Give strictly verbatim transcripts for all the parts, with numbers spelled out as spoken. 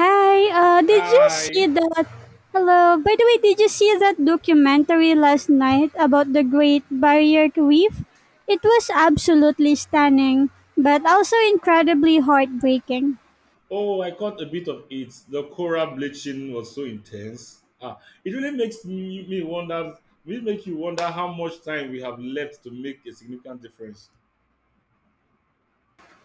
Hi, uh, did you see Hi. that? Hello, by the way, did you see that documentary last night about the Great Barrier Reef? It was absolutely stunning, but also incredibly heartbreaking. Oh, I caught a bit of it. The coral bleaching was so intense. Ah, it really makes me, me wonder. Really make you wonder how much time we have left to make a significant difference.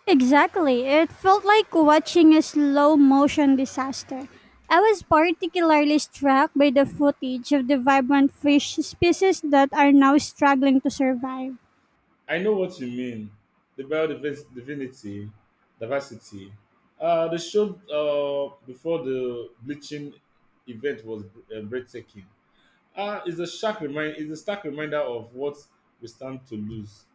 Exactly, it felt like watching a slow motion disaster. I was particularly struck by the footage of the vibrant fish species that are now struggling to survive. I know what you mean. The biodiversity, diversity. Uh, the show uh, before the bleaching event was uh, breathtaking. Ah, it's a stark remind. It's a stark reminder of what we stand to lose.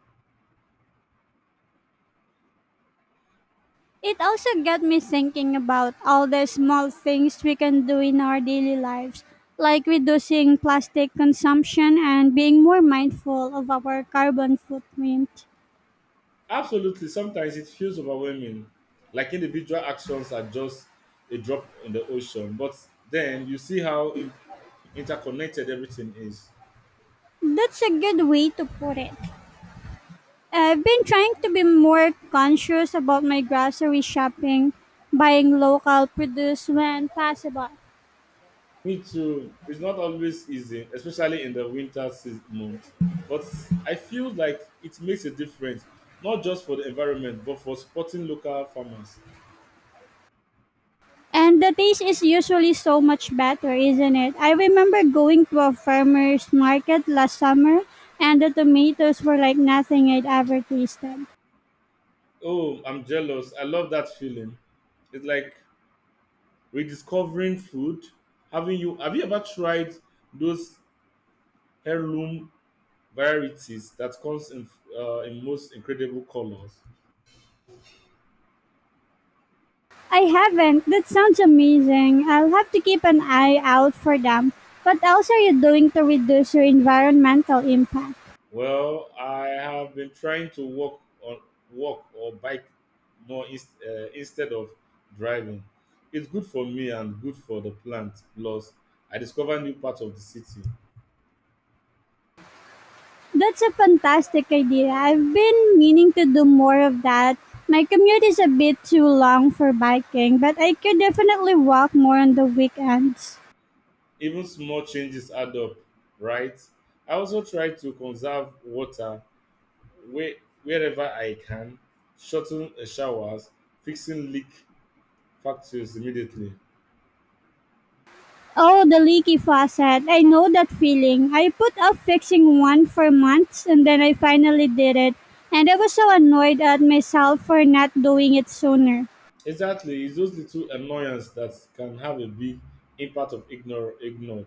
It also got me thinking about all the small things we can do in our daily lives, like reducing plastic consumption and being more mindful of our carbon footprint. Absolutely. Sometimes it feels overwhelming, like individual actions are just a drop in the ocean. But then you see how in- interconnected everything is. That's a good way to put it. I've been trying to be more conscious about my grocery shopping, buying local produce when possible. Me too. It's not always easy, especially in the winter season month. But I feel like it makes a difference, not just for the environment, but for supporting local farmers. And the taste is usually so much better, isn't it? I remember going to a farmer's market last summer and the tomatoes were like nothing I'd ever tasted. Oh, I'm jealous. I love that feeling. It's like rediscovering food. Having you Have you ever tried those heirloom varieties that comes in uh, in most incredible colors. I haven't. That sounds amazing. I'll have to keep an eye out for them. What else are you doing to reduce your environmental impact? Well, I have been trying to walk on walk or bike more inst uh, instead of driving. It's good for me and good for the plant. Plus, I discover new parts of the city. That's a fantastic idea. I've been meaning to do more of that. My commute is a bit too long for biking, but I could definitely walk more on the weekends. Even small changes add up, right? I also try to conserve water where, wherever I can, shorten uh, showers, fixing leak factors immediately. Oh, the leaky faucet. I know that feeling. I put off fixing one for months and then I finally did it. And I was so annoyed at myself for not doing it sooner. Exactly. It's those little annoyances that can have a big impact of ignore ignored.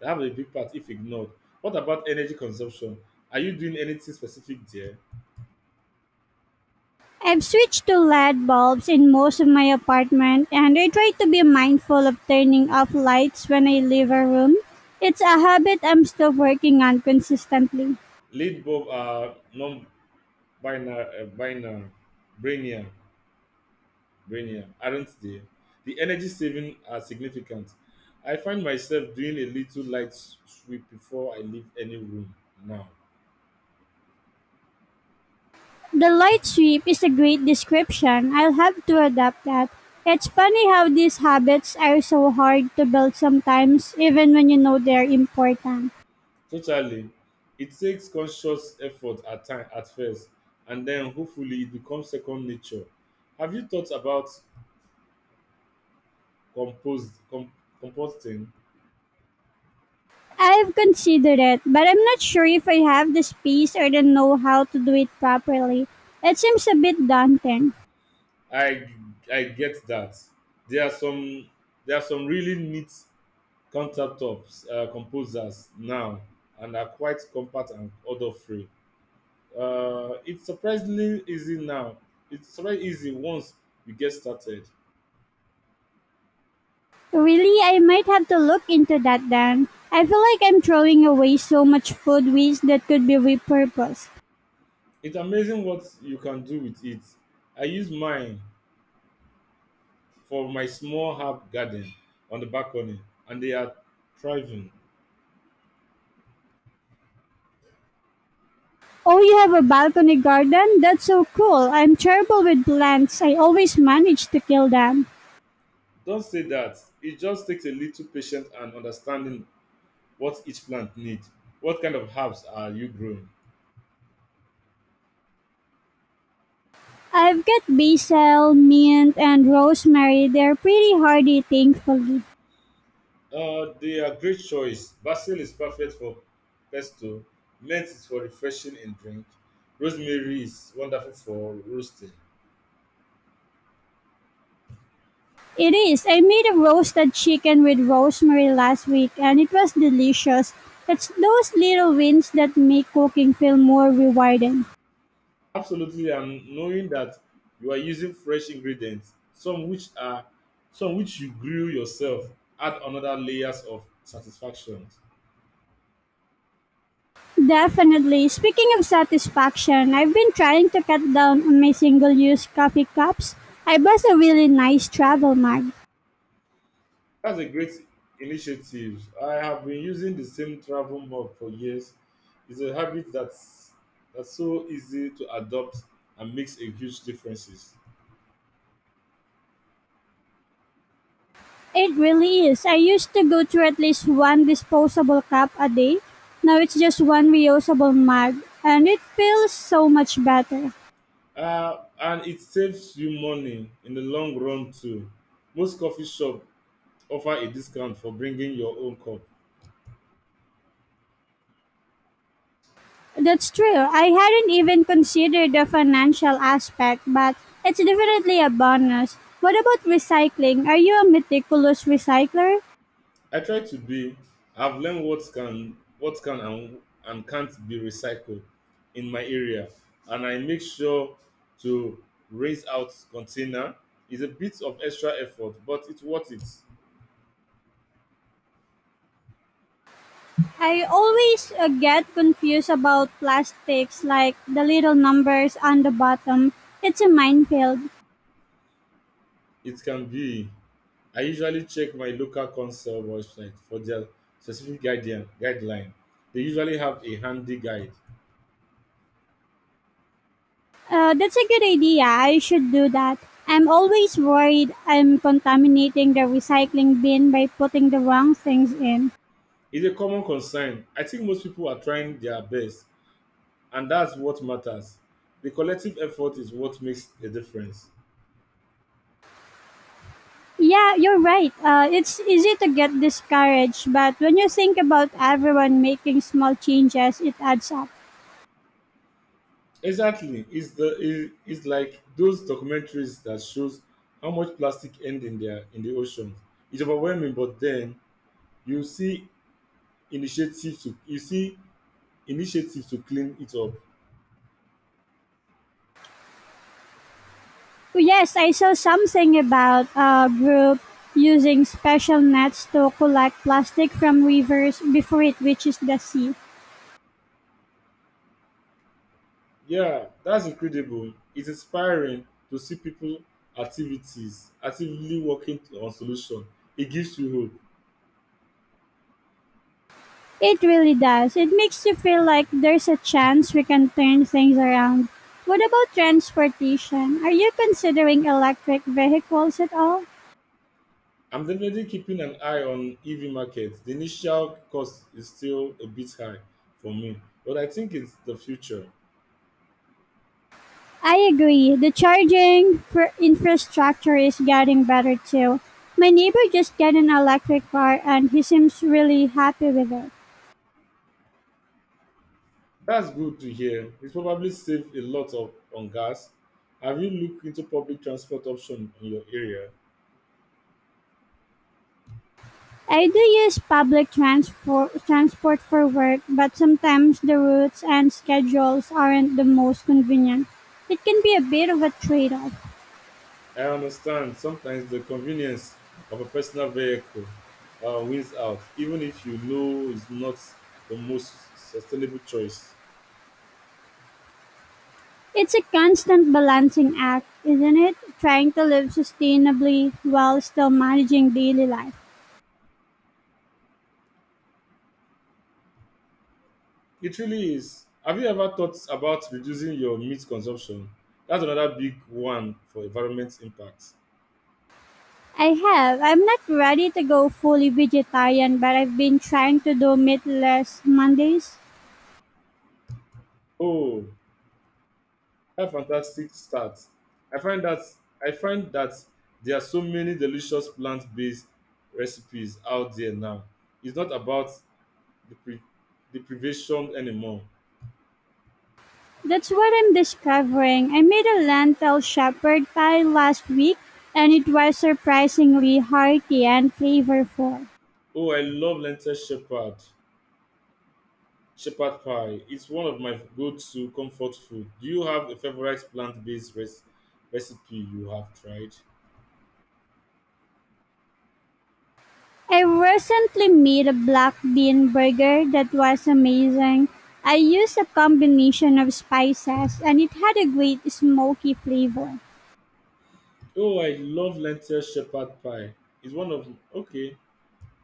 They have a big part if ignored. What about energy consumption? Are you doing anything specific there? I've switched to L E D bulbs in most of my apartment and I try to be mindful of turning off lights when I leave a room. It's a habit I'm still working on consistently. Lead bulb are non-binary, uh, binary, brainiac, brainiac, aren't they? The energy saving are significant. I find myself doing a little light sweep before I leave any room now. The light sweep is a great description, I'll have to adapt that. It's funny how these habits are so hard to build sometimes, even when you know they're important. Totally. It takes conscious effort at time at first, and then hopefully it becomes second nature. Have you thought about compost com, composting? I've considered it, but I'm not sure if I have the space or the know how to do it properly. It seems a bit daunting. I I get that. There are some there are some really neat countertops uh, composers now, and are quite compact and odor free. Uh, it's surprisingly easy now. It's surprisingly easy once you get started. Really, I might have to look into that then. I feel like I'm throwing away so much food waste that could be repurposed. It's amazing what you can do with it. I use mine for my small herb garden on the balcony and they are thriving. Oh, you have a balcony garden? That's so cool. I'm terrible with plants. I always manage to kill them. Don't say that. It just takes a little patience and understanding what each plant needs. What kind of herbs are you growing? I've got basil, mint, and rosemary. They're pretty hardy, thankfully. Uh, they are great choice. Basil is perfect for pesto. Mint is for refreshing in drink. Rosemary is wonderful for roasting. It is. I made a roasted chicken with rosemary last week, and it was delicious. It's those little wins that make cooking feel more rewarding. Absolutely, and knowing that you are using fresh ingredients, some which are some which you grew yourself, add another layers of satisfaction. Definitely. Speaking of satisfaction, I've been trying to cut down on my single use coffee cups. I bought a really nice travel mug. That's a great initiative. I have been using the same travel mug for years. It's a habit that's that's so easy to adopt and makes a huge differences. It really is. I used to go through at least one disposable cup a day. Now it's just one reusable mug, and it feels so much better. Uh, and it saves you money in the long run too. Most coffee shop offer a discount for bringing your own cup. That's true. I hadn't even considered the financial aspect, but it's definitely a bonus. What about recycling? Are you a meticulous recycler? I try to be. I've learned what can what can and, and can't be recycled in my area, and I make sure to raise out container. It's a bit of extra effort, but it's worth it. I always uh, get confused about plastics, like the little numbers on the bottom. It's a minefield. It can be. I usually check my local council website for their specific guideline. Guideline. They usually have a handy guide. Uh, that's a good idea. I should do that. I'm always worried I'm contaminating the recycling bin by putting the wrong things in. It's a common concern. I think most people are trying their best, and that's what matters. The collective effort is what makes a difference. Yeah, you're right. Uh, it's easy to get discouraged, but when you think about everyone making small changes, it adds up. Exactly. It's the it- it's like those documentaries that shows how much plastic end in their in the ocean. It's overwhelming, but then you see initiatives to you see initiatives to clean it up. Oh, yes, I saw something about a group using special nets to collect plastic from rivers before it reaches the sea. Yeah, that's incredible. It's inspiring to see people activities actively working on solution. It gives you hope. It really does. It makes you feel like there's a chance we can turn things around. What about transportation? Are you considering electric vehicles at all? I'm definitely keeping an eye on E V market. The initial cost is still a bit high for me, but I think it's the future. I agree. The charging for infrastructure is getting better too. My neighbor just got an electric car and he seems really happy with it. That's good to hear. It's probably saved a lot of on gas. Have you looked into public transport option in your area? I do use public transport transport for work, but sometimes the routes and schedules aren't the most convenient. It can be a bit of a trade-off. I understand sometimes the convenience of a personal vehicle uh, wins out, even if you know it's not the most sustainable choice. It's a constant balancing act, isn't it? Trying to live sustainably while still managing daily life. It really is. Have you ever thought about reducing your meat consumption? That's another big one for environment impact. I have. I'm not ready to go fully vegetarian, but I've been trying to do meatless Mondays. Oh, that's a fantastic start. I find that I find that there are so many delicious plant-based recipes out there now. It's not about the pre- deprivation anymore. That's what I'm discovering. I made a lentil shepherd pie last week, and it was surprisingly hearty and flavorful. Oh, I love lentil shepherd shepherd pie. It's one of my go-to comfort food. Do you have a favorite plant-based res- recipe you have tried? I recently made a black bean burger that was amazing. I used a combination of spices and it had a great smoky flavor. Oh, I love lentil shepherd pie. It's one of okay,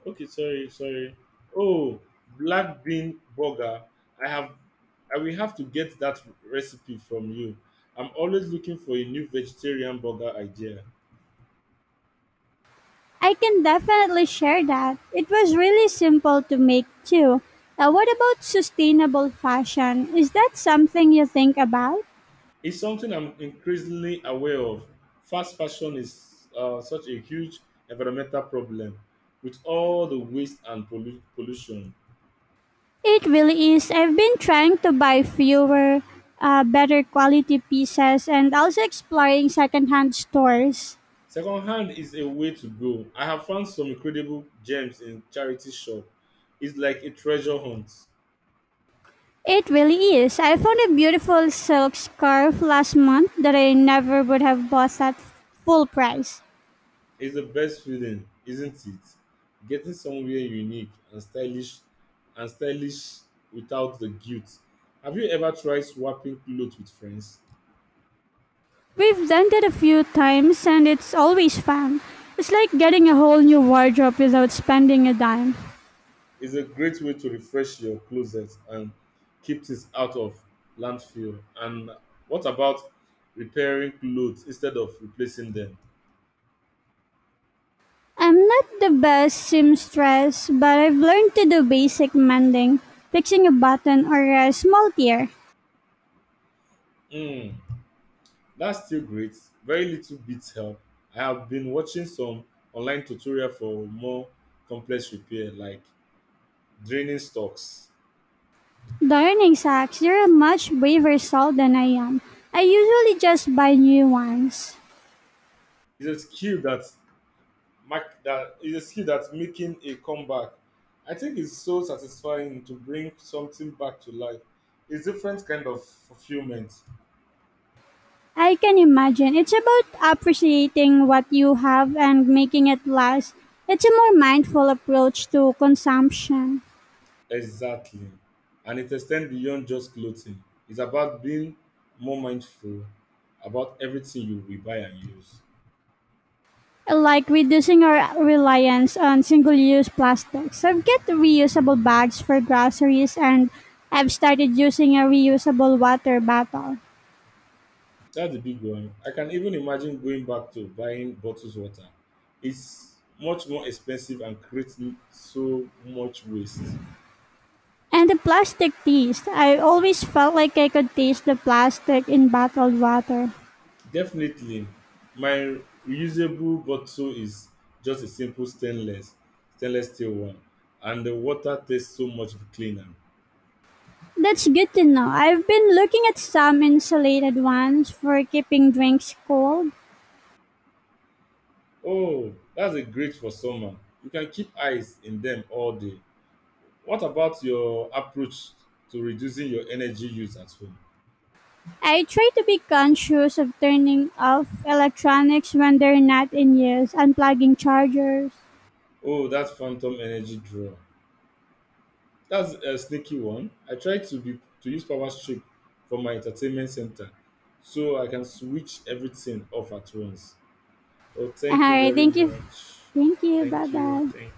okay. Sorry, sorry. Oh, black bean burger. I have. I will have to get that recipe from you. I'm always looking for a new vegetarian burger idea. I can definitely share that. It was really simple to make too. Uh, what about sustainable fashion? Is that something you think about? It's something I'm increasingly aware of. Fast fashion is uh, such a huge environmental problem, with all the waste and pollu- pollution. It really is. I've been trying to buy fewer, uh, better quality pieces and also exploring secondhand stores. Secondhand is a way to go. I have found some incredible gems in charity shop. It's like a treasure hunt. It really is. I found a beautiful silk scarf last month that I never would have bought at full price. It's the best feeling, isn't it? Getting somewhere unique and stylish and stylish without the guilt. Have you ever tried swapping clothes with friends? We've done that a few times and it's always fun. It's like getting a whole new wardrobe without spending a dime. It's a great way to refresh your closet and keep things out of landfill. And what about repairing clothes instead of replacing them? I'm not the best seamstress, but I've learned to do basic mending, fixing a button or a small tear. Hmm. That's still great. Very little bits help. I have been watching some online tutorial for more complex repair like draining stocks. Darning socks, you're a much braver soul than I am. I usually just buy new ones. It's a skill that mark that is a skill that's making a comeback. I think it's so satisfying to bring something back to life. It's different kind of fulfillment. I can imagine. It's about appreciating what you have and making it last. It's a more mindful approach to consumption, Exactly. And it extends beyond just clothing. It's about being more mindful about everything you will buy and use. like reducing our reliance on single use plastics. I've got reusable bags for groceries and I've started using a reusable water bottle. That's a big one. I can even imagine going back to buying bottles water. It's much more expensive and creates m- so much waste. And the plastic taste I always felt like I could taste the plastic in bottled water. Definitely, my reusable bottle is just a simple stainless stainless steel one, and the water tastes so much cleaner. That's good to know. I've been looking at some insulated ones for keeping drinks cold. Oh, that's a great for summer. You can keep ice in them all day. What about your approach to reducing your energy use at home? I try to be conscious of turning off electronics when they're not in use, unplugging chargers. Oh, that phantom energy draw. That's a sneaky one. I try to be to use power strip for my entertainment center so I can switch everything off at once. Oh, All thank you right, very thank you. much. Thank you. Bye Thank you. bye. Thank